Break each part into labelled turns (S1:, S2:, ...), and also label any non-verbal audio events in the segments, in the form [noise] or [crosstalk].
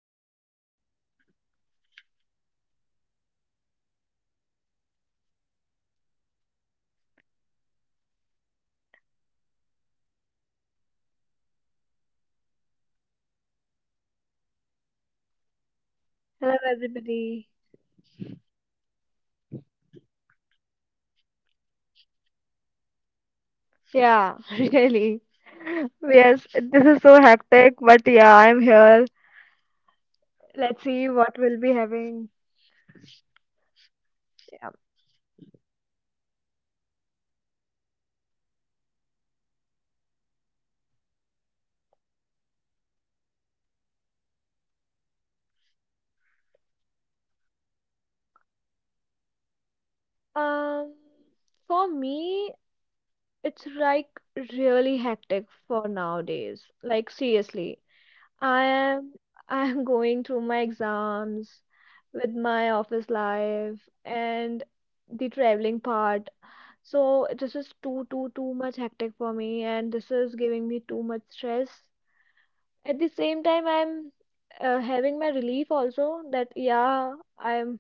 S1: Welcome back to our podcast. I'm your host, Ritika, and I hope you are having a peaceful moment whenever you are listening from. Today, episode is special because I'm not having this conversation alone. We are having Dimple Dalwani with us. Uh, I
S2: Hello,
S1: truly believe we
S2: everybody.
S1: will add, yeah, I truly believe that we will add a lot of value to this discussion, right?
S2: Yeah, [laughs] really. Yes, this is so hectic, but yeah, I'm here. Let's see
S1: Yeah.
S2: what we'll be having.
S1: True. Okay,
S2: Yeah.
S1: I'm glad you are here too because before we dive into today's topic, I just want to ask you something very simple. How has life been lately? Busy, calm, or stressful? How was it? Like it's mix of everything or something like that. Can you please share with us?
S2: Um, for me, it's like really hectic for nowadays. Like seriously, I
S1: Why?
S2: am [laughs] I am going through my exams with my office life and the traveling part. So this is too much hectic for me, and this is giving me too much stress. At the same
S1: Hmm.
S2: time, I'm having my relief also that yeah, I'm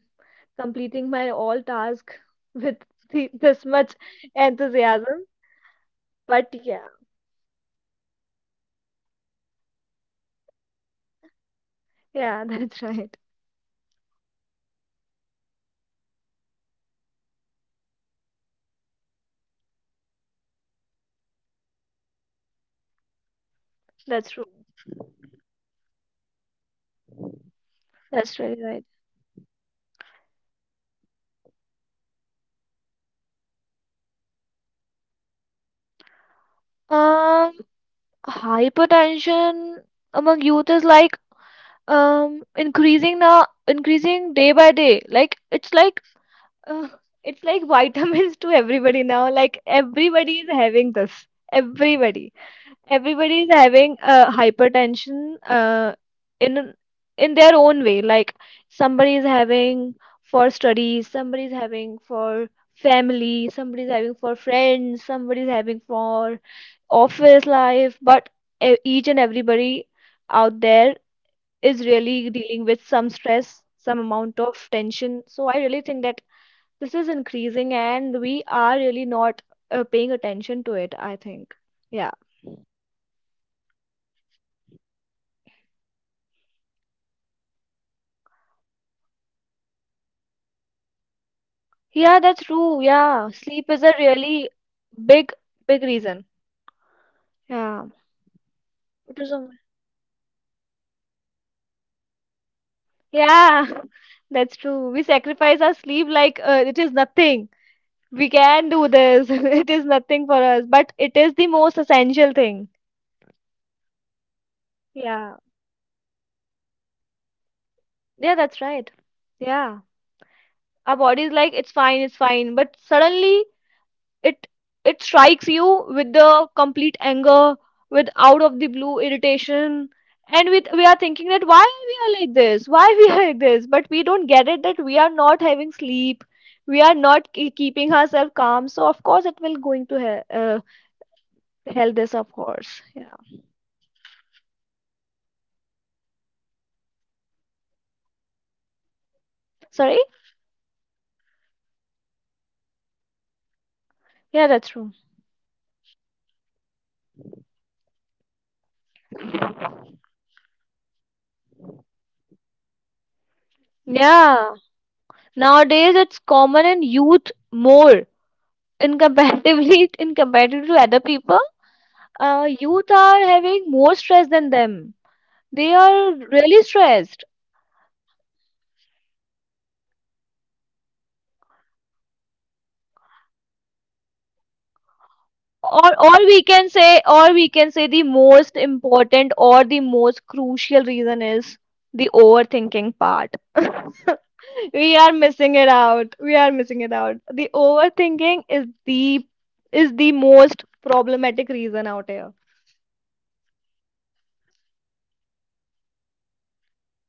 S2: completing my all task [laughs] with this much
S1: Yeah, we are
S2: enthusiasm.
S1: leaving, and
S2: But
S1: in the end,
S2: yeah,
S1: when we come to know that yeah, we have made up, we showed up. That is really the great thing.
S2: yeah, [laughs] that's right.
S1: Yeah, I think right now we will relate it to that. We all can relate it to that. We often say I am busy without realizing how much pressure that word carries. And that
S2: That's true.
S1: actually brings us very naturally. [laughs] So let's
S2: That's
S1: get
S2: really
S1: back
S2: right.
S1: to this topic. It is hypertension among youth. So what do like what is your thought on that?
S2: Um, Hypertension among youth is like increasing now, increasing day by day. Like uh, it's like vitamins to everybody now. Like everybody is having this.
S1: So,
S2: Everybody, Everybody is
S1: yeah I,
S2: having hypertension in in their own way. Like somebody is having for studies, somebody is having for family, somebody is having for friends, somebody is having for office life. But each and
S1: hmm,
S2: everybody out there is really
S1: yeah,
S2: dealing with some stress, some
S1: I'm.
S2: amount of tension. So I really think that this is increasing and we are really not paying attention to it, I think. Yeah.
S1: Hmm. It is more because of less sleep. It can be about like it can be for like more stress we are having for such a hectic, you know, the
S2: Yeah,
S1: lifestyle
S2: that's
S1: we are
S2: true.
S1: having.
S2: Yeah. Sleep
S1: Unhealthy
S2: is a
S1: food is the like
S2: really
S1: really the
S2: big,
S1: main
S2: big reason.
S1: reason. Yeah,
S2: Yeah.
S1: we
S2: It is
S1: assume
S2: a,
S1: our body will adjust. We think that our body will adjust, adapt
S2: yeah,
S1: according to the.
S2: [laughs] that's true. We sacrifice our sleep like it
S1: Hmm.
S2: is nothing. We
S1: It is
S2: can
S1: not,
S2: do
S1: but
S2: this. [laughs]
S1: yeah,
S2: It is nothing for us, but it
S1: but
S2: is the most essential
S1: sometimes
S2: thing.
S1: yeah, most essential. But sometimes
S2: Yeah.
S1: the body starts reacting quietly.
S2: Yeah,
S1: You
S2: that's
S1: know.
S2: right. Yeah. Our body is like, it's fine, it's fine. But suddenly, it it strikes you with the complete anger with out of the blue irritation and with we are
S1: And
S2: thinking that why we are like this, but we don't get it that we are not having sleep, we are not
S1: uh,
S2: keeping ourselves calm, so of course it will going to hell, hell this of course, yeah.
S1: yeah, and one of the major reaction was excess is high blood pressure, something
S2: Sorry.
S1: many people believe affect only older adults, the high BP.
S2: Yeah, that's true.
S1: Because it is because of hypertension, and we think that it's only like it affects only older adults, but it is not like that. It is among youth
S2: Yeah,
S1: now.
S2: nowadays it's common in youth more in
S1: Hmm. Hmm.
S2: comparatively [laughs] in comparative to other people.
S1: Hmm.
S2: Youth are having more stress than them. They
S1: Yeah,
S2: are
S1: because,
S2: really
S1: yeah,
S2: stressed.
S1: true. Yes is the main reason. Not sleeping well, eating irregularly, or sitting for long hours. As we talk about ourselves, we are sitting for 10-hour shift. You
S2: Or,
S1: know,
S2: or
S1: it is
S2: we can say, or we can say the most important or the most crucial reason is the overthinking part.
S1: overthinking.
S2: We are
S1: Very
S2: missing it out. We are missing it out.
S1: true.
S2: The overthinking is the most problematic reason out here.
S1: That is true. I feel today's youth is emotionally and mentally overloaded.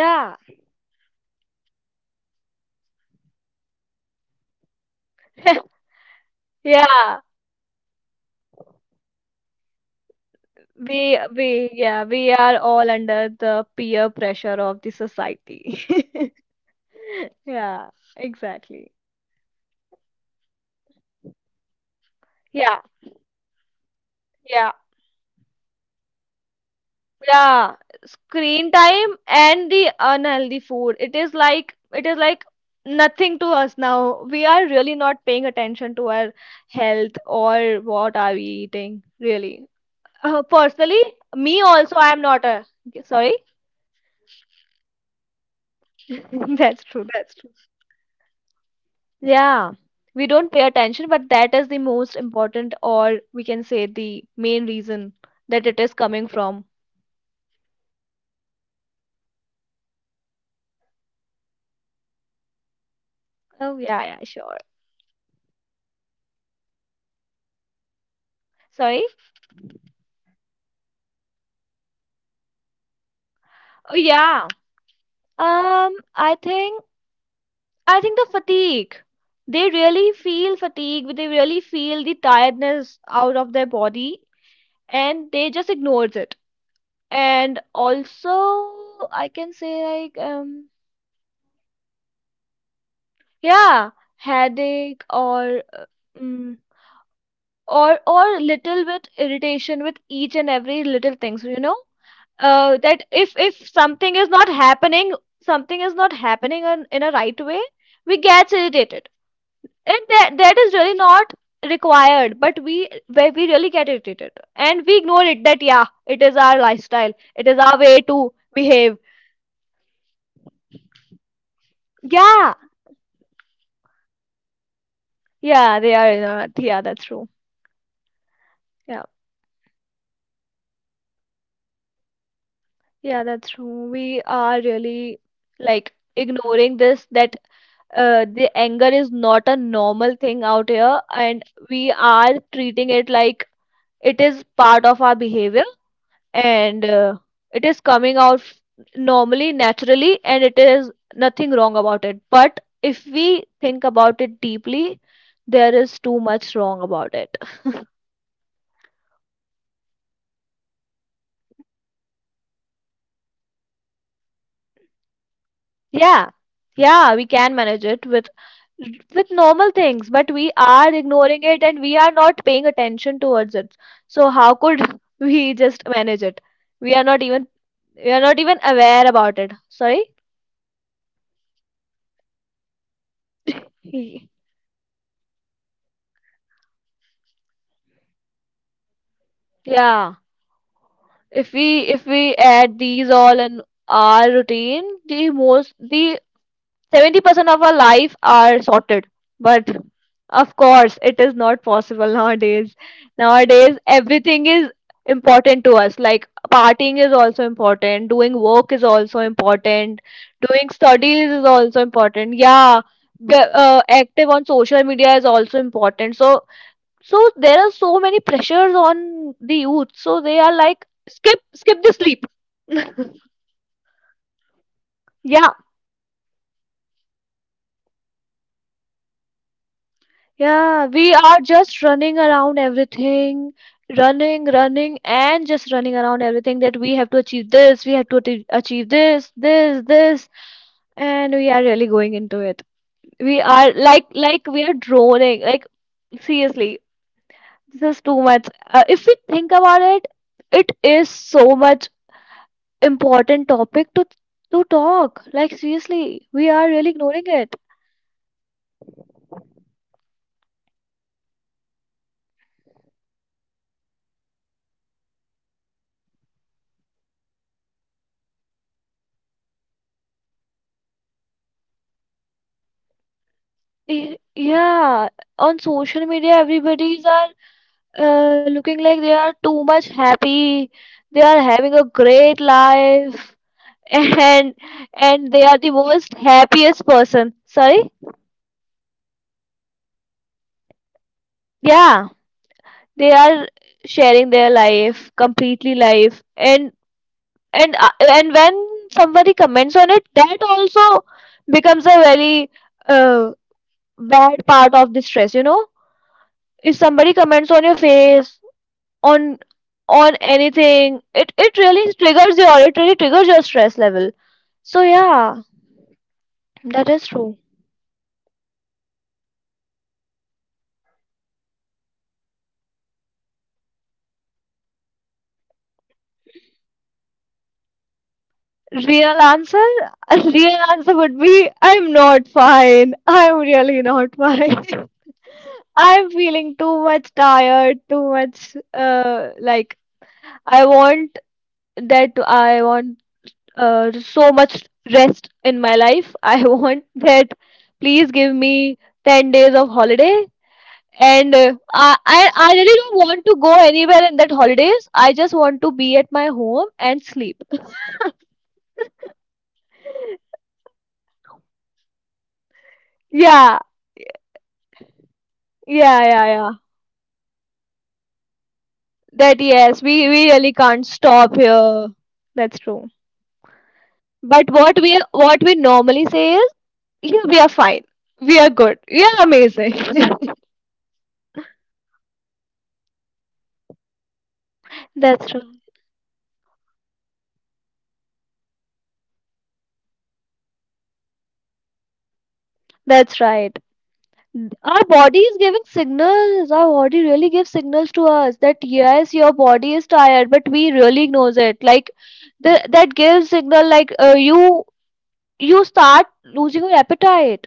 S1: Like they have many pressure. Academic pressure is one of the reasons. Second one is career stress,
S2: [laughs]
S1: relationship issues, family
S2: Yeah,
S1: expectations. It's like everyone is having family expectation. It is constant.
S2: we are all under the peer pressure of the society.
S1: Same room.
S2: [laughs]
S1: True.
S2: Yeah,
S1: One
S2: exactly.
S1: of the biggest reason is stress. Another is lifestyle maybe. Lack of
S2: Yeah,
S1: physical activities, you know, unhealthy
S2: yeah.
S1: food, excessive screen time. Screen time is
S2: Yeah,
S1: the
S2: screen
S1: major reason
S2: time
S1: for the youth.
S2: and the unhealthy food. It is like nothing to us now. We are really not paying attention to our health or what are we eating, really.
S1: It
S2: Personally,
S1: is, it is
S2: me
S1: the
S2: also, I am
S1: silent killer.
S2: not a sorry.
S1: Hmm. It is the silent killer for our body.
S2: [laughs]
S1: That
S2: That's
S1: sounds
S2: true, that's
S1: scary,
S2: true.
S1: but it is the truth.
S2: Yeah, we don't pay attention, but that is the most important, or we can say the main reason that it is
S1: Hmm.
S2: coming from.
S1: Yeah, okay, I will ask you some questions like related to some hypertension sort of stuff. Okay,
S2: Oh yeah, yeah, sure.
S1: can you tell me the early signs that our young people usually ignore?
S2: Sorry.
S1: What are the early signs that usually people usually ignore for
S2: Oh yeah.
S1: hypertension? Yeah.
S2: I think. I think the fatigue. They really feel fatigue, they really feel the tiredness out of their
S1: Hmm.
S2: body and
S1: Hmm.
S2: they just ignores it. And
S1: Hmm.
S2: also I can say like
S1: Sometimes headache also, right? Dizziness or
S2: yeah,
S1: headache
S2: headache or
S1: because of
S2: mm,
S1: screen time, you know.
S2: or little bit irritation with each and every little things, you know?
S1: Yeah,
S2: That
S1: people become
S2: if
S1: very
S2: something is not
S1: irritated.
S2: happening,
S1: And,
S2: something is not happening in a right way,
S1: um.
S2: we get irritated,
S1: Yeah.
S2: that is really not required, but we where we really get irritated, and we ignore it that yeah, it is our lifestyle, it is
S1: Ah,
S2: our
S1: ah.
S2: way to
S1: Most of the
S2: behave.
S1: people, most of the people think they are normal or temporary,
S2: Yeah.
S1: but sometimes they're not. They are really not.
S2: Yeah, they are not. Yeah, that's true. Yeah.
S1: We normalize feeling unwell way too easily.
S2: Yeah, that's true. We are really like
S1: Mm,
S2: ignoring this that the anger is not a normal thing out here, and
S1: mm,
S2: we are treating it like it is part of our behavior, and
S1: mm,
S2: it is coming out normally naturally, and it is nothing wrong about it, but if we think about it deeply, there is
S1: mm,
S2: too much wrong about it. [laughs]
S1: Yeah, I, I agree. Hypertension can be managed, right? It can be managed. There is nothing like that. You can manage it.
S2: Yeah. Yeah, we can manage it with normal things, but we are ignoring it and we are not paying attention towards it, so how could [laughs] we just manage it? We are not
S1: Yeah, a
S2: even,
S1: small things
S2: we are
S1: can
S2: not even
S1: make a big
S2: aware about
S1: difference.
S2: it, sorry.
S1: Small changes can make a big difference, you know, like you
S2: [laughs]
S1: just some regular exercise or balanced diet or like proper sleep
S2: Yeah,
S1: it can.
S2: if we add these all in our routine, the most the 70% of our life are sorted. But of course it is not possible nowadays. Nowadays everything is important to us. Like partying is also important, doing work is also
S1: Hmm.
S2: important,
S1: Being
S2: doing
S1: socialized
S2: studies is
S1: people,
S2: also
S1: yeah.
S2: important. Yeah, active on social media is also important, so so there are so many pressures on the youth, so they are
S1: Hmm,
S2: like
S1: you know, but
S2: skip the sleep.
S1: yeah the, the word is hectic. It has
S2: Yeah,
S1: become a common answer for all of us. We say it casually, but it carries so much inside it, the word
S2: yeah, we
S1: hectic,
S2: are just running around everything,
S1: yeah,
S2: running, and just running around everything that we have to achieve this, we have to achieve this, this, and we are really going into it. We
S1: yeah,
S2: are like we are droning. Like seriously, this is too much.
S1: yeah,
S2: If we think about it, it is so much important topic to talk. Like seriously, we are really
S1: so we
S2: ignoring
S1: need to
S2: it.
S1: talk to each other if we feel like that. So people think like so we make friends on social media and you know we can talk to them, but they should sit with their real friends or their parents and talk to them.
S2: Yeah, on social media, everybody's are looking like they are too much happy. They are
S1: Hmm.
S2: having a great life,
S1: Mm.
S2: [laughs] and and
S1: And
S2: they
S1: we
S2: are the
S1: compare
S2: most
S1: our life with
S2: happiest
S1: them.
S2: person. Sorry,
S1: People compare their life with them.
S2: yeah, they
S1: Hmm.
S2: are sharing their life completely life, and when somebody comments on it, that also becomes a very uh, bad part of the stress. You know, if somebody comments on your face on
S1: Yeah, it's
S2: on
S1: very true, very true.
S2: anything, it
S1: The
S2: really
S1: wrestling of
S2: triggers
S1: your
S2: your, it really triggers
S1: friends.
S2: your stress level, so
S1: Yeah, true.
S2: yeah, that is
S1: Okay.
S2: true.
S1: When someone asks you how are you, so like how do you usually say and what do you actually feel? If I ask you, how are you, [laughs] then what would be the real answer?
S2: Real answer. [laughs] Real answer would be, I'm not fine, I'm really not fine. [laughs] I'm feeling too much tired, too much like i want I want so much rest in my life. I [laughs] want that please give me 10 days of holiday.
S1: Agree. Yeah,
S2: And
S1: so I
S2: I
S1: agree.
S2: really
S1: [laughs]
S2: don't want to go anywhere in that holidays. I just want to be at my home and sleep.
S1: Yeah. Inside, there is usually stress, work responsibility, expectation,
S2: Yeah,
S1: and the pressure to keep going. The pressure
S2: yeah.
S1: to keep [laughs] going is the key word, okay?
S2: That yes,
S1: We
S2: we really
S1: have
S2: can't
S1: the
S2: stop
S1: target.
S2: here. That's true.
S1: Yeah, that's
S2: But
S1: so on.
S2: what we normally say is, yeah, we are fine. We are good. We are amazing.
S1: It is because we have normalized stress so much that we don't even question it anymore.
S2: [laughs]
S1: Being
S2: That's
S1: tired
S2: true.
S1: is normal, sleeping late is normal, ignoring our body is normal. And somewhere in this normal, our health starts whispering.
S2: That's right. Our body is giving signals. Our body really gives signals to us that yes, your body is tired, but we really ignores it. Like that gives signal like you you start losing your appetite.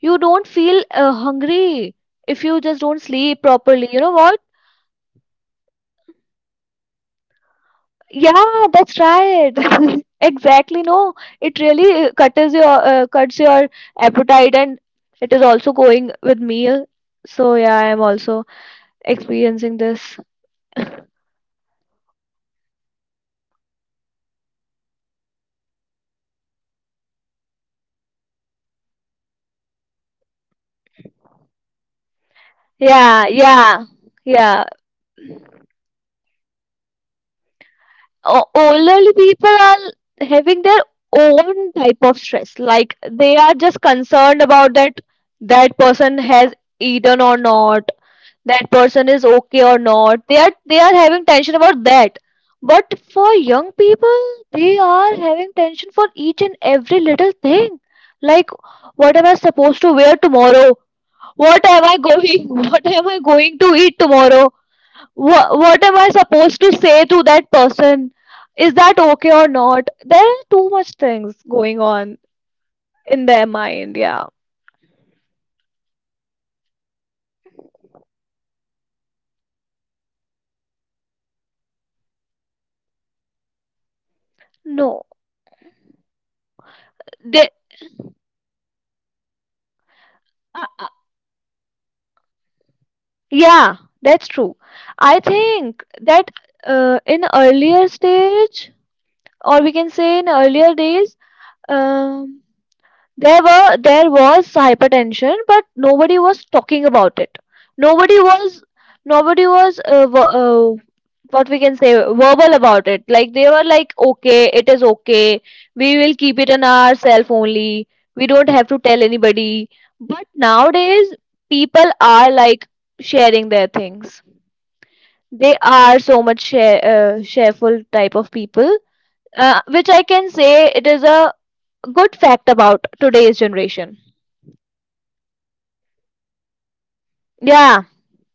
S2: You don't feel hungry if you just don't
S1: Yeah,
S2: sleep
S1: it is
S2: properly. You know
S1: really
S2: what?
S1: related to me. Most lately, it is relatable to me as well.
S2: Yeah, that's right. [laughs] Exactly. No, it really cuts your appetite, and it is also going with me. So yeah, I am also experiencing this.
S1: But most of us still believe that hypertension is something our parents or grandparents worry about. Okay, like but in reality, more and more young people are being, you know,
S2: Yeah,
S1: diagnosis,
S2: yeah.
S1: accidents during routine checkups and all of that.
S2: Older people are having their own type of stress. Like they are just concerned about that that person has eaten or not, that person is okay or not. They are having tension about that. But for young people, they are having tension for each and every little thing. Like what am I
S1: Yes.
S2: supposed to wear tomorrow? What am I
S1: Expectations.
S2: going? [laughs] What am I going to eat
S1: Yeah.
S2: tomorrow? What am I supposed to say to that person? Is that okay or not? There are too much things going on in their
S1: Yes.
S2: mind. Yeah,
S1: So, what do you think today's youth is more vulnerable to hypertension compared to earlier generation? Or earlier
S2: no,
S1: generation used to be like they they
S2: they,
S1: never spoke about what they really feel. But I
S2: uh,
S1: guess
S2: uh,
S1: today's generation they spoke bluntly.
S2: yeah, that's true. I think that in earlier stage, or we can say in earlier days, um there were, there was hypertension, but nobody was talking about
S1: They
S2: it.
S1: they
S2: Nobody
S1: talk about it.
S2: was, nobody was what we can say verbal about it. Like they were like, okay, it is okay. We will keep it in ourself only. We don't have to tell anybody. But nowadays, people are like sharing their things. They
S1: Yes.
S2: are
S1: So
S2: so much shareful type of people, which I can say it is a good fact about today's
S1: Because,
S2: generation.
S1: because they feel like that, we can relate with them.
S2: Yeah,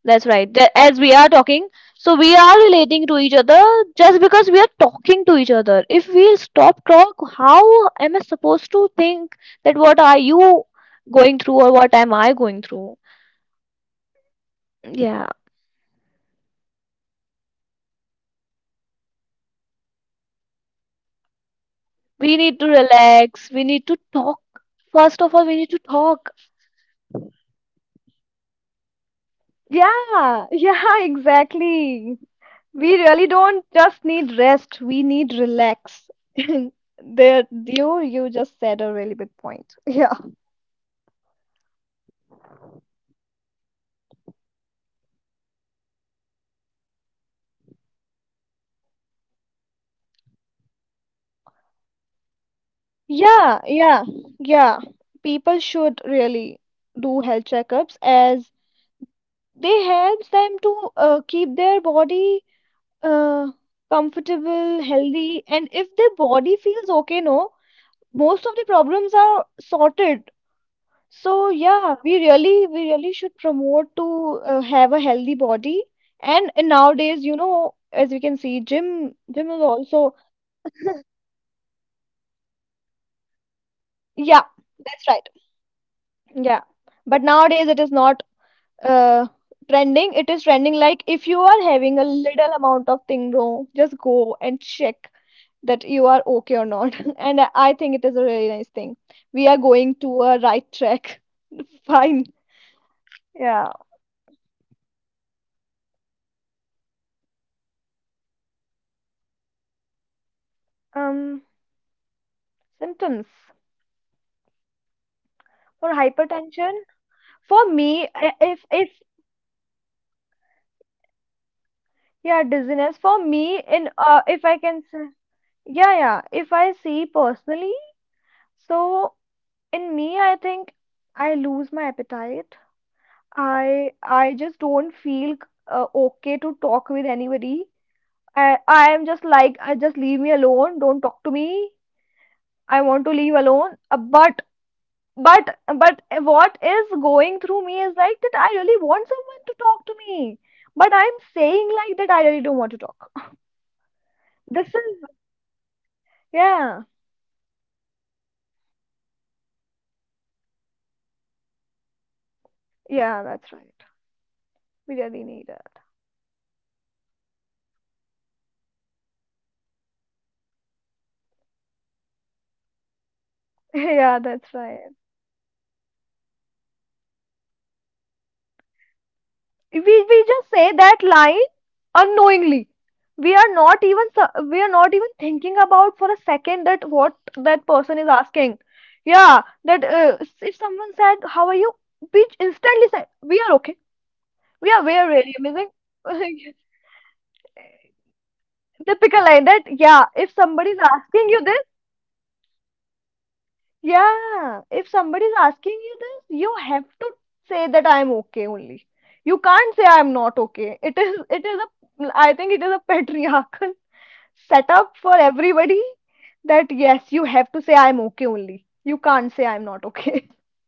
S2: that's right. As we are talking, so we are relating to each other just because we are talking to each other. If we stop talk, how am I supposed to think that what are you going through or what am I going through?
S1: Ah, yes, it is.
S2: Yeah,
S1: That's an important point. We just think that we need rest, but we need to be relaxed. There is
S2: we need
S1: major
S2: to
S1: difference
S2: relax.
S1: between
S2: We need to talk.
S1: there is
S2: First of all,
S1: there
S2: we
S1: is
S2: need to talk.
S1: major difference between resting and relaxing. I guess
S2: Yeah, yeah, [laughs] exactly. We
S1: uh,
S2: [clears throat]
S1: people think, yeah, the young people think headaches or like restlessness are normal. Also, young people rarely go for regular health checkups. We should promote health checkup more. Like people should promote it.
S2: yeah, yeah, people do as they helps them to keep their body uh, comfortable, healthy, and if their body feels okay, no, most of the problems are sorted. So yeah,
S1: Yes,
S2: we really should promote to
S1: we,
S2: have a healthy body. And nowadays, you know, as we can see, gym
S1: huh.
S2: is also
S1: Yeah, we only visit doctors when something become unbearable.
S2: yeah,
S1: Only
S2: that's
S1: when we
S2: right,
S1: visit doctor.
S2: yeah. But nowadays, it is not uh trending. It is trending like if you are having a little amount of thing wrong, just go and check that you are okay or not. [laughs] and I think it is a really nice thing. We are going
S1: Yeah,
S2: to
S1: true.
S2: a right track. [laughs] fine,
S1: Yeah.
S2: yeah.
S1: Okay, so what will be like sub symptoms or what will be that that we should not ignore at all?
S2: um Symptoms for
S1: Yeah, it can
S2: hypertension
S1: be.
S2: for
S1: Yeah,
S2: me. i-
S1: headache
S2: if if
S1: also. Headache is like normal or dizziness.
S2: yeah, dizziness for me. In
S1: These can be
S2: If I
S1: symptoms,
S2: can
S1: right?
S2: say, yeah, yeah, if I see personally, so
S1: Mm.
S2: in me, I think I lose my appetite. I just don't feel okay to talk with anybody. I am just like, I just leave me alone. Don't talk to me. I want to
S1: Mm.
S2: leave alone. But what is going through me is like that I really want someone to talk to me. But I'm saying like that I really don't want to talk.
S1: Yeah, because
S2: This
S1: we are
S2: is,
S1: so tired,
S2: [laughs] yeah.
S1: we want, we just want some time of rest for our mind and our body.
S2: Yeah, that's right. We really need it.
S1: We live in a time where if someone say life is not overwhelming, we actually get surprised. Stress has become such a normal part.
S2: [laughs] Yeah, that's
S1: If someone
S2: right.
S1: say I am okay and I am enjoying, like we don't even believe that how can you.
S2: we we just say that line unknowingly.
S1: Yeah.
S2: We are not even thinking about for a second that what that
S1: We
S2: person is
S1: don't even
S2: asking.
S1: think, yes,
S2: Yeah, that if someone said how are you, we instantly said we are okay, we are
S1: we
S2: we
S1: are
S2: are
S1: okay,
S2: really
S1: that
S2: amazing.
S1: that
S2: [laughs]
S1: becomes very, you know, typical line, I am
S2: Typical
S1: okay.
S2: line. That, yeah, if somebody is
S1: There is
S2: asking
S1: no,
S2: you this,
S1: no one in the world is okay, I guess.
S2: yeah, if somebody is asking you this, you have to say that I am okay only. You can't say I am not okay. It is a, I
S1: Hmm.
S2: think it is a patriarchal setup for everybody. That yes, you
S1: [laughs]
S2: have to say I'm okay only. You can't say I'm not okay. [laughs]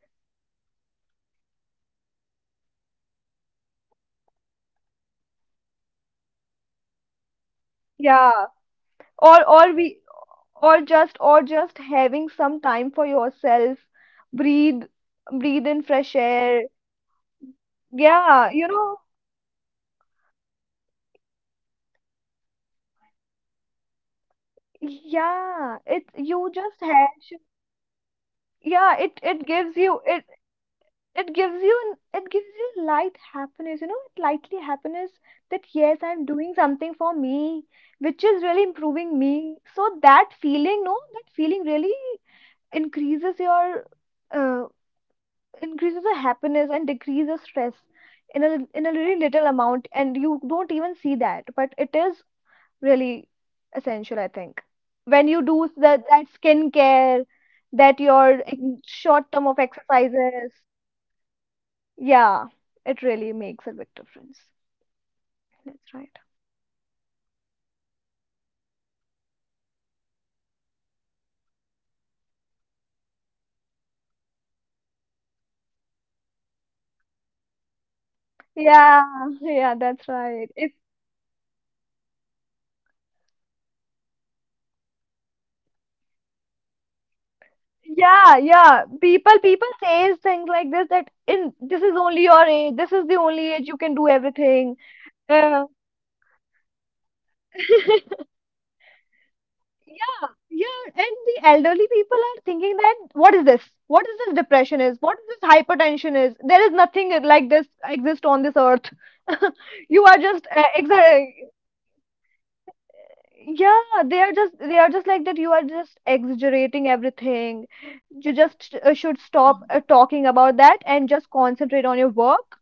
S1: Yeah, but like the some simple habits which can be, you know, reduce hypertension. It could be regular exercise or even walking, balanced meal,
S2: Yeah. Or or
S1: avoiding
S2: we
S1: junk food.
S2: or just having some time for yourself. Breathe Breathe in fresh
S1: Yeah,
S2: air.
S1: self-care, you know.
S2: Yeah,
S1: Sometimes we
S2: you
S1: think
S2: know,
S1: self-care has to be expensive or complicated, but often it's just about consistency and awareness.
S2: yeah. It,
S1: It
S2: you
S1: is
S2: just
S1: all
S2: have,
S1: about consistency.
S2: yeah, it
S1: If we
S2: it
S1: have
S2: gives you, it
S1: consistency, yeah.
S2: it gives you an, it gives you light happiness, you know, it lightly happiness, that yes, I'm
S1: Hmm.
S2: doing something for me, which is really improving me. So that feeling, no, that feeling really increases your, uh, increases the happiness and decreases stress in a, in a
S1: Hmm.
S2: really little amount, and you don't even see that, but it is really essential, I think, when you do
S1: Hmm. But
S2: that, that skincare, that your
S1: yeah,
S2: short term of
S1: these small habits can
S2: exercises.
S1: make a big difference.
S2: Yeah, it really makes a big difference.
S1: Yes.
S2: That's right.
S1: As young people feel guilty about resting. Like as myself, I feel like resting means falling behind. But in reality, resting helps us function better. But I [laughs] personally believe that I will like lag behind if I do rest.
S2: Yeah, yeah, that's
S1: I do
S2: right.
S1: not
S2: It's
S1: want to rest. Like I feel like that this in this age I can do very like you know as much work as I can do
S2: yeah,
S1: as
S2: yeah. People
S1: possible I
S2: people
S1: can.
S2: says things like this, that in this
S1: Hmm.
S2: is only your age, this is the only age you can do
S1: Yeah.
S2: everything.
S1: This is the
S2: Uh,
S1: only age of hypertension. They don't
S2: [laughs] yeah,
S1: believe other thing like that.
S2: yeah, and the elderly people are thinking that what is this? What is this depression
S1: So
S2: is? What
S1: true.
S2: is this hypertension is? There is nothing like this exist on this earth. [laughs] You are just
S1: We feel
S2: exa-
S1: guilty for doing what our body actually needs.
S2: yeah, they are
S1: The
S2: just,
S1: thing is.
S2: they are just like that. You are just exaggerating everything. You just should stop
S1: Hmm.
S2: talking about that and just concentrate on your work.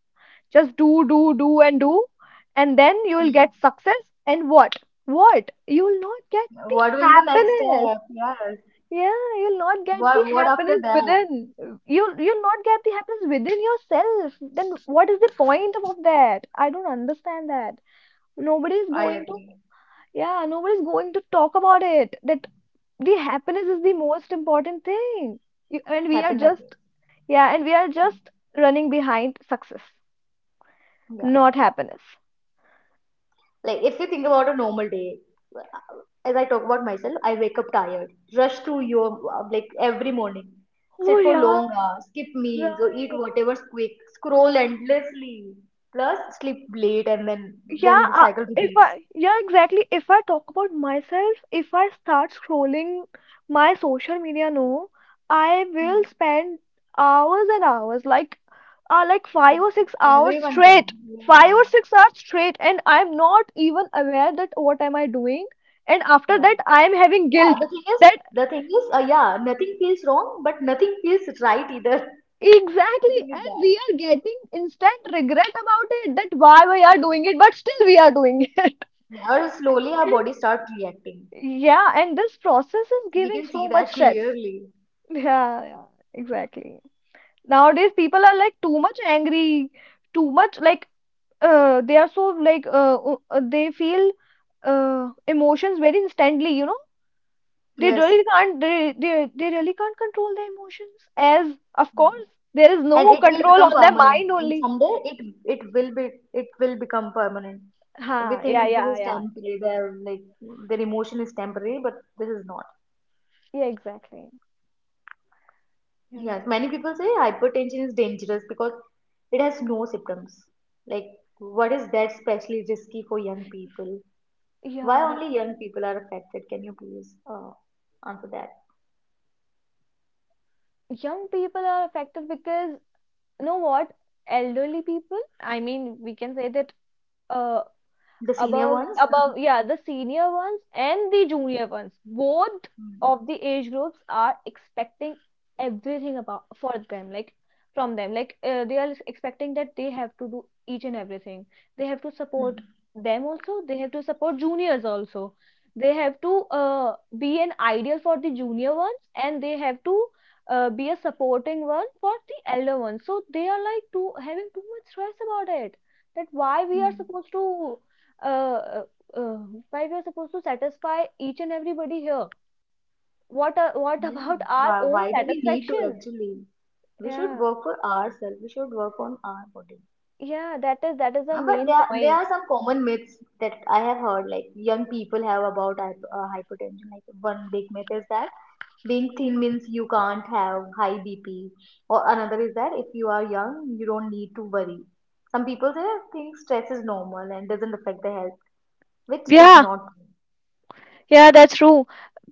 S2: Just do, do, do, and then you will
S1: Hmm.
S2: get success. And what? What? You will not get the
S1: What will the next
S2: happiness.
S1: step? Yes.
S2: Yeah, you'll not get the
S1: What after
S2: happiness
S1: that?
S2: within. You, you'll not get the happiness within yourself. Then what is the point of that? I don't understand that. Nobody is
S1: I
S2: going to.
S1: agree.
S2: Yeah, nobody's going to talk about it. That the happiness is the most important thing. You- and we are
S1: Happiness.
S2: just, yeah, and we are just running behind success,
S1: Yeah.
S2: not happiness.
S1: Like, if you think about a normal day, as I talk about myself, I wake up tired, rush through your like every morning,
S2: Oh,
S1: sit for
S2: yeah,
S1: long hours, skip meals, or eat
S2: right.
S1: whatever's quick, scroll endlessly, plus sleep late, and then
S2: Yeah,
S1: then the cycle
S2: if
S1: repeats.
S2: I, yeah, exactly. If I talk about myself, if I start scrolling my social media, no, I
S1: Mm.
S2: will spend hours and hours, like 5 or 6 hours
S1: Everyone can,
S2: straight, five
S1: yeah.
S2: or six hours straight, and I'm not even aware that what am I doing, and after
S1: Yeah.
S2: that, I'm having
S1: Yeah,
S2: guilt that
S1: yeah, nothing feels wrong, but nothing feels right either. [laughs] The
S2: exactly,
S1: thing is
S2: and
S1: that.
S2: we are getting instant regret about it, that why we are doing it, but still we are doing it. [laughs]
S1: Or slowly our body starts reacting.
S2: Yeah, and this process is
S1: We
S2: giving
S1: can
S2: so
S1: see
S2: much
S1: that
S2: stress.
S1: clearly.
S2: Yeah, yeah, exactly. Nowadays, people are like too much angry, too much like they are so like they feel emotions very instantly, you know. They
S1: Yes.
S2: really can't they, they they really can't control their emotions, as of
S1: Yeah.
S2: course there is
S1: And
S2: no
S1: it will
S2: control
S1: become
S2: on their
S1: permanent.
S2: mind
S1: And
S2: only.
S1: someday it will become permanent. We
S2: Ha, yeah,
S1: think this
S2: yeah,
S1: is
S2: yeah.
S1: temporary. Their like their emotion is temporary, but this is not.
S2: Yeah, exactly. You're
S1: Yes,
S2: right.
S1: many people say hypertension is dangerous because it has no symptoms. Like, what is that specially risky for young people? Why
S2: Yeah, the
S1: only young people are affected? Can you please answer that?
S2: young people are affected because, you know what? Elderly people, I mean, we can say that uh,
S1: The senior
S2: above
S1: ones?
S2: above
S1: [laughs]
S2: yeah, the senior ones and the junior ones, both of the age groups are expecting everything about for them, like from them, like they are expecting that they have to do each and everything. They have to support
S1: Mm,
S2: them also, they have to support juniors also. They have to be an ideal for the junior ones, and they have to be a supporting one for the elder ones. So they are like too, having too much stress about it. That why we
S1: mm,
S2: are
S1: mm.
S2: supposed to uh, uh, why we are supposed to satisfy each and everybody here? What a what [laughs]
S1: Yeah.
S2: about our
S1: Why,
S2: own
S1: why do we need to
S2: satisfaction?
S1: actually? We should
S2: Yeah,
S1: work for ourselves. We should work on our body.
S2: yeah, that is, that is the
S1: But
S2: main
S1: there
S2: point.
S1: are some common myths that I have heard, like young people have about hypertension. Like one big myth is that being thin means you can't have high BP, or another is that if you are young, you don't need to worry. Some people say think stress is normal and doesn't affect the health, which is
S2: Yeah,
S1: not true.
S2: yeah, that's true.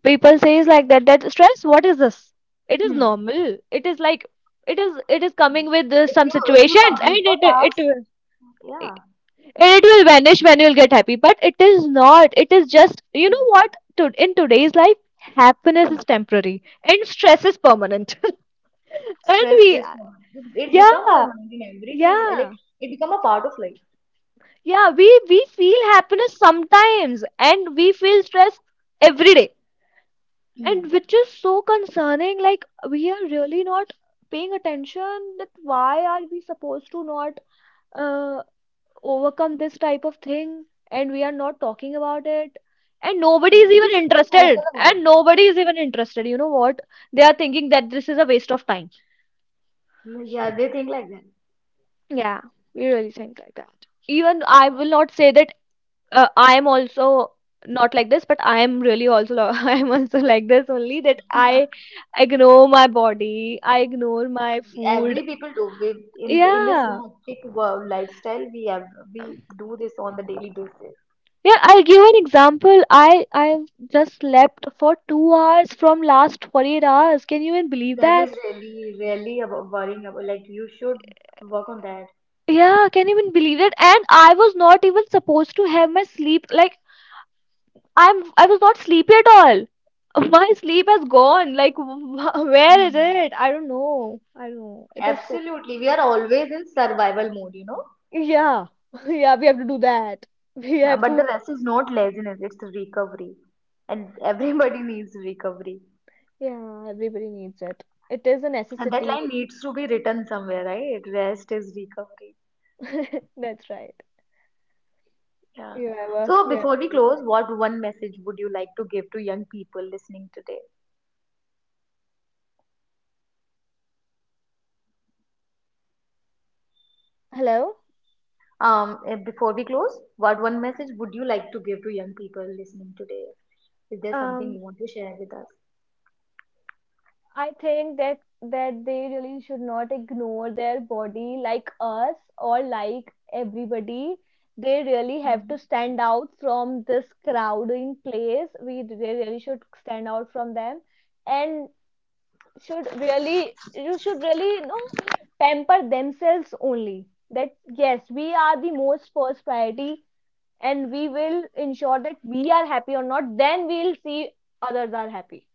S2: People says like that, that stress, what is this? It is
S1: Hmm.
S2: normal. It is like it is coming with
S1: If
S2: some
S1: you if you
S2: situations and
S1: complete your task, yeah.
S2: it will vanish when you'll get happy, but it is not. It is just, you know what? To, in today's life, happiness
S1: Hmm.
S2: is temporary and stress is permanent. And
S1: Stress
S2: we,
S1: is permanent. It become
S2: yeah,
S1: permanent in every day. Is like
S2: yeah,
S1: it become a part of life.
S2: yeah. We feel happiness sometimes, and we feel stress every day,
S1: Mm.
S2: and which is so concerning. Like, we are really not paying attention. That why are we supposed to not uh, overcome this type of thing, and we are not talking about it, and nobody
S1: Now
S2: is
S1: we
S2: even
S1: should be vocal
S2: interested, and
S1: about
S2: nobody is even interested. You know what? They are thinking that this is a waste of time.
S1: it. Mm, yeah, they think like that.
S2: Yeah, we really think like that, even I will not say that I am also not like this, but I am really also lo-, [laughs] I am also like this only, that I ignore my body, I ignore my food.
S1: Every people do we in this
S2: Yeah.
S1: hectic world lifestyle we have we do this on the daily basis.
S2: Yeah, I'll give an example. I just slept for 2 hours from last 48 hours. Can you even believe
S1: That
S2: that?
S1: is really really about worrying about like you should work on that.
S2: Yeah, can you even believe it? And I was not even supposed to have my sleep. Like, I was not sleepy at all. [laughs] My sleep has gone. Like, [laughs] wh- where is
S1: Mm.
S2: it? I don't know. I don't know. It is so.
S1: Absolutely, we are always in survival mode, you know.
S2: Yeah, [laughs] yeah, we have to do that. [laughs] We
S1: Now,
S2: have
S1: but the
S2: to,
S1: rest is not laziness, it's recovery, and everybody [laughs] needs recovery.
S2: yeah, everybody needs it. It is a
S1: And that line
S2: necessity.
S1: needs to be written somewhere, right? Rest is recovery.
S2: That's right.
S1: Yeah.
S2: Yeah,
S1: So
S2: yeah,
S1: before we
S2: yeah.
S1: close, what one message would you like to give to young people listening today?
S2: Hello?
S1: Before we close, what one message would you like to give to young people listening today? Is there something
S2: Um,
S1: you want to share with us?
S2: I think that that they really should not ignore their body like us or like everybody. They really have
S1: Mhm.
S2: to stand out from this crowding place. We, they really should stand out from them, and should really, you should really, you know, pamper themselves only. That yes, we are the most first priority, and we will ensure that we are happy or not, then we'll see others are happy.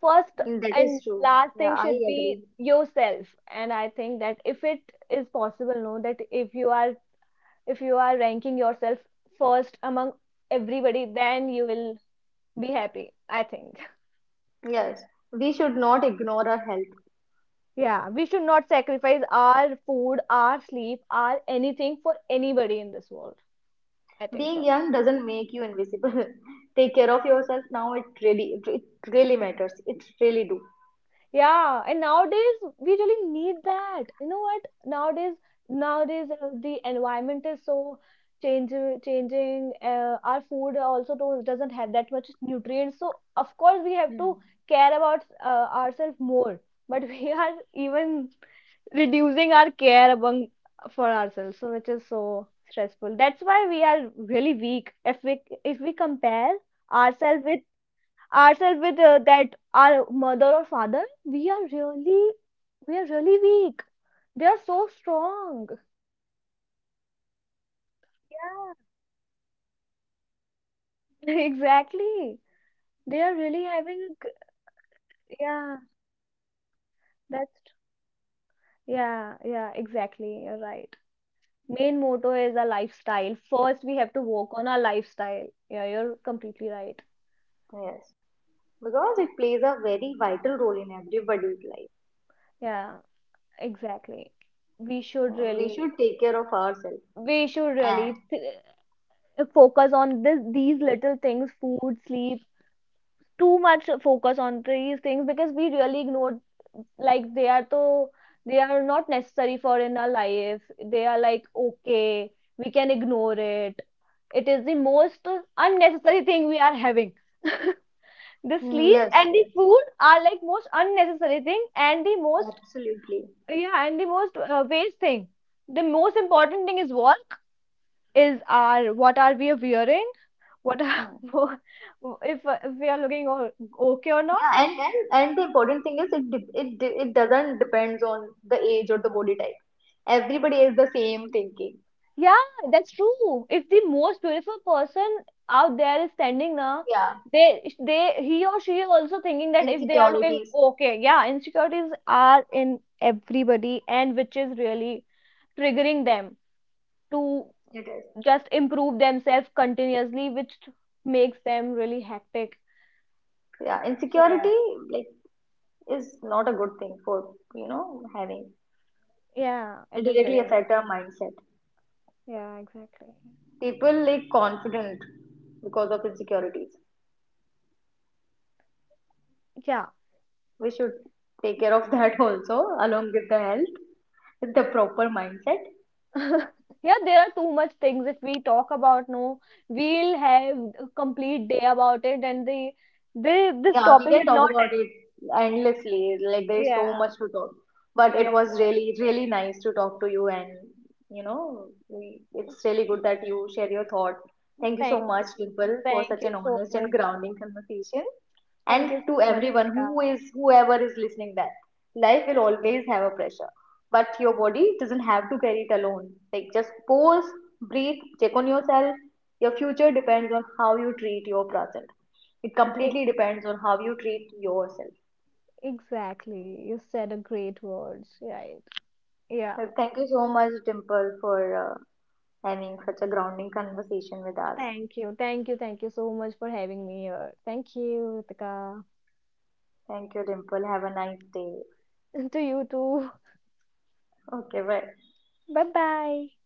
S2: First
S1: Mm, that
S2: and
S1: is true.
S2: last
S1: Yeah,
S2: thing
S1: I
S2: should be
S1: agree.
S2: yourself. And I think that if it is possible, no, that if you are, if you are ranking yourself first among everybody, then you will be happy, I think.
S1: Yes, we should not ignore our health.
S2: [laughs] yeah, we should not sacrifice our food, our sleep, our anything for anybody in this world, I think
S1: Being
S2: so.
S1: young doesn't make you invisible. [laughs] Take care of yourself now. It really matters. It really do.
S2: Yeah, and nowadays we really need that. You know what? Nowadays, nowadays the environment is so change changing. Our food also don't, doesn't have that much nutrients. So of course we have
S1: Mm.
S2: to care about ourselves more. But we [laughs] are even reducing our care among for ourselves, so which is so stressful. That's why we are really weak. If we, if we compare ourselves
S1: Yeah,
S2: with,
S1: yeah.
S2: ourselves with that, our mother or father, we are really, we are really weak. They are so strong.
S1: Yeah, we are because of the lifestyle, because the things we are
S2: Yeah,
S1: eating, because of the junk food we are having,
S2: [laughs] exactly, they are really
S1: we
S2: having
S1: need
S2: a
S1: to change that. We
S2: g-
S1: need to
S2: yeah,
S1: change our lifestyle. That will be the
S2: that's,
S1: main motto.
S2: yeah, yeah, exactly, you're right. Main motto is a lifestyle. First we have to work on
S1: Lifestyle.
S2: our lifestyle. Yeah, you're completely right.
S1: Yes. Because it plays a very vital role in everybody's life.
S2: Yeah, exactly. we should
S1: We
S2: really
S1: should take care of ourselves.
S2: we should
S1: And
S2: really th- focus on this, these little things, food, sleep. Too much focus on these things, because we really ignore, like, they are so, they are not necessary for in our life. They are like, okay, we can ignore it. It is the most unnecessary thing we are having. [laughs] the
S1: mm,
S2: sleep
S1: yes,
S2: and the
S1: yes,
S2: food are like most unnecessary thing, and the most,
S1: absolutely.
S2: yeah, and the most waste thing. The most important thing is work, is our, what are we wearing, what are,
S1: Hmm.
S2: [laughs] if we are looking o- okay or not.
S1: Yeah, and the important thing is it doesn't depends on the age or the body type. Everybody is the same thinking.
S2: Yeah, that's true. If the most beautiful person out there is standing now,
S1: Yeah.
S2: they he or she is also thinking that if they are looking
S1: Insecurities,
S2: okay, yeah, insecurities are in everybody, and which is really triggering them to
S1: it is.
S2: just improve themselves continuously, which makes them really hectic.
S1: Yeah.
S2: So yeah,
S1: Insecurity like is not a good thing for, you know, having.
S2: yeah,
S1: It
S2: it is
S1: directly
S2: really
S1: affect
S2: not.
S1: our mindset.
S2: Yeah, exactly.
S1: People like confident because of insecurities.
S2: Yeah.
S1: We should take care of that [laughs] also, along with the health, with the proper mindset.
S2: [laughs] Yeah, there are too much things, if we talk about, no, we'll have a complete day about it, and the this
S1: Yeah, we
S2: topic
S1: can
S2: will
S1: talk
S2: not,
S1: about it endlessly. Like there's so
S2: yeah,
S1: much to talk. But
S2: yeah.
S1: it was really, really nice to talk to you, and you know, we, it's really good that you share your thought. Thank you so
S2: Thank
S1: much,
S2: you.
S1: Dimple, for
S2: Thank
S1: such
S2: you
S1: an
S2: so
S1: honest and
S2: much.
S1: grounding conversation, and
S2: Thank you
S1: to
S2: so much,
S1: everyone
S2: Ritika.
S1: who is whoever is listening, that life will always have a pressure, but your body doesn't have to carry it alone. Like just pause, breathe, check on yourself. Your future depends on how you treat your present. It
S2: E-
S1: completely depends on how you treat yourself.
S2: exactly. You said a great words, right? Yeah.
S1: Well, thank you so much, Dimple, for uh, having such a grounding conversation with us.
S2: Thank you. Thank you. Thank you so much for having me here. Thank you, Ritika.
S1: Thank you, Dimple, have a nice day.
S2: [laughs] To you too.
S1: Okay, bye.
S2: Bye bye.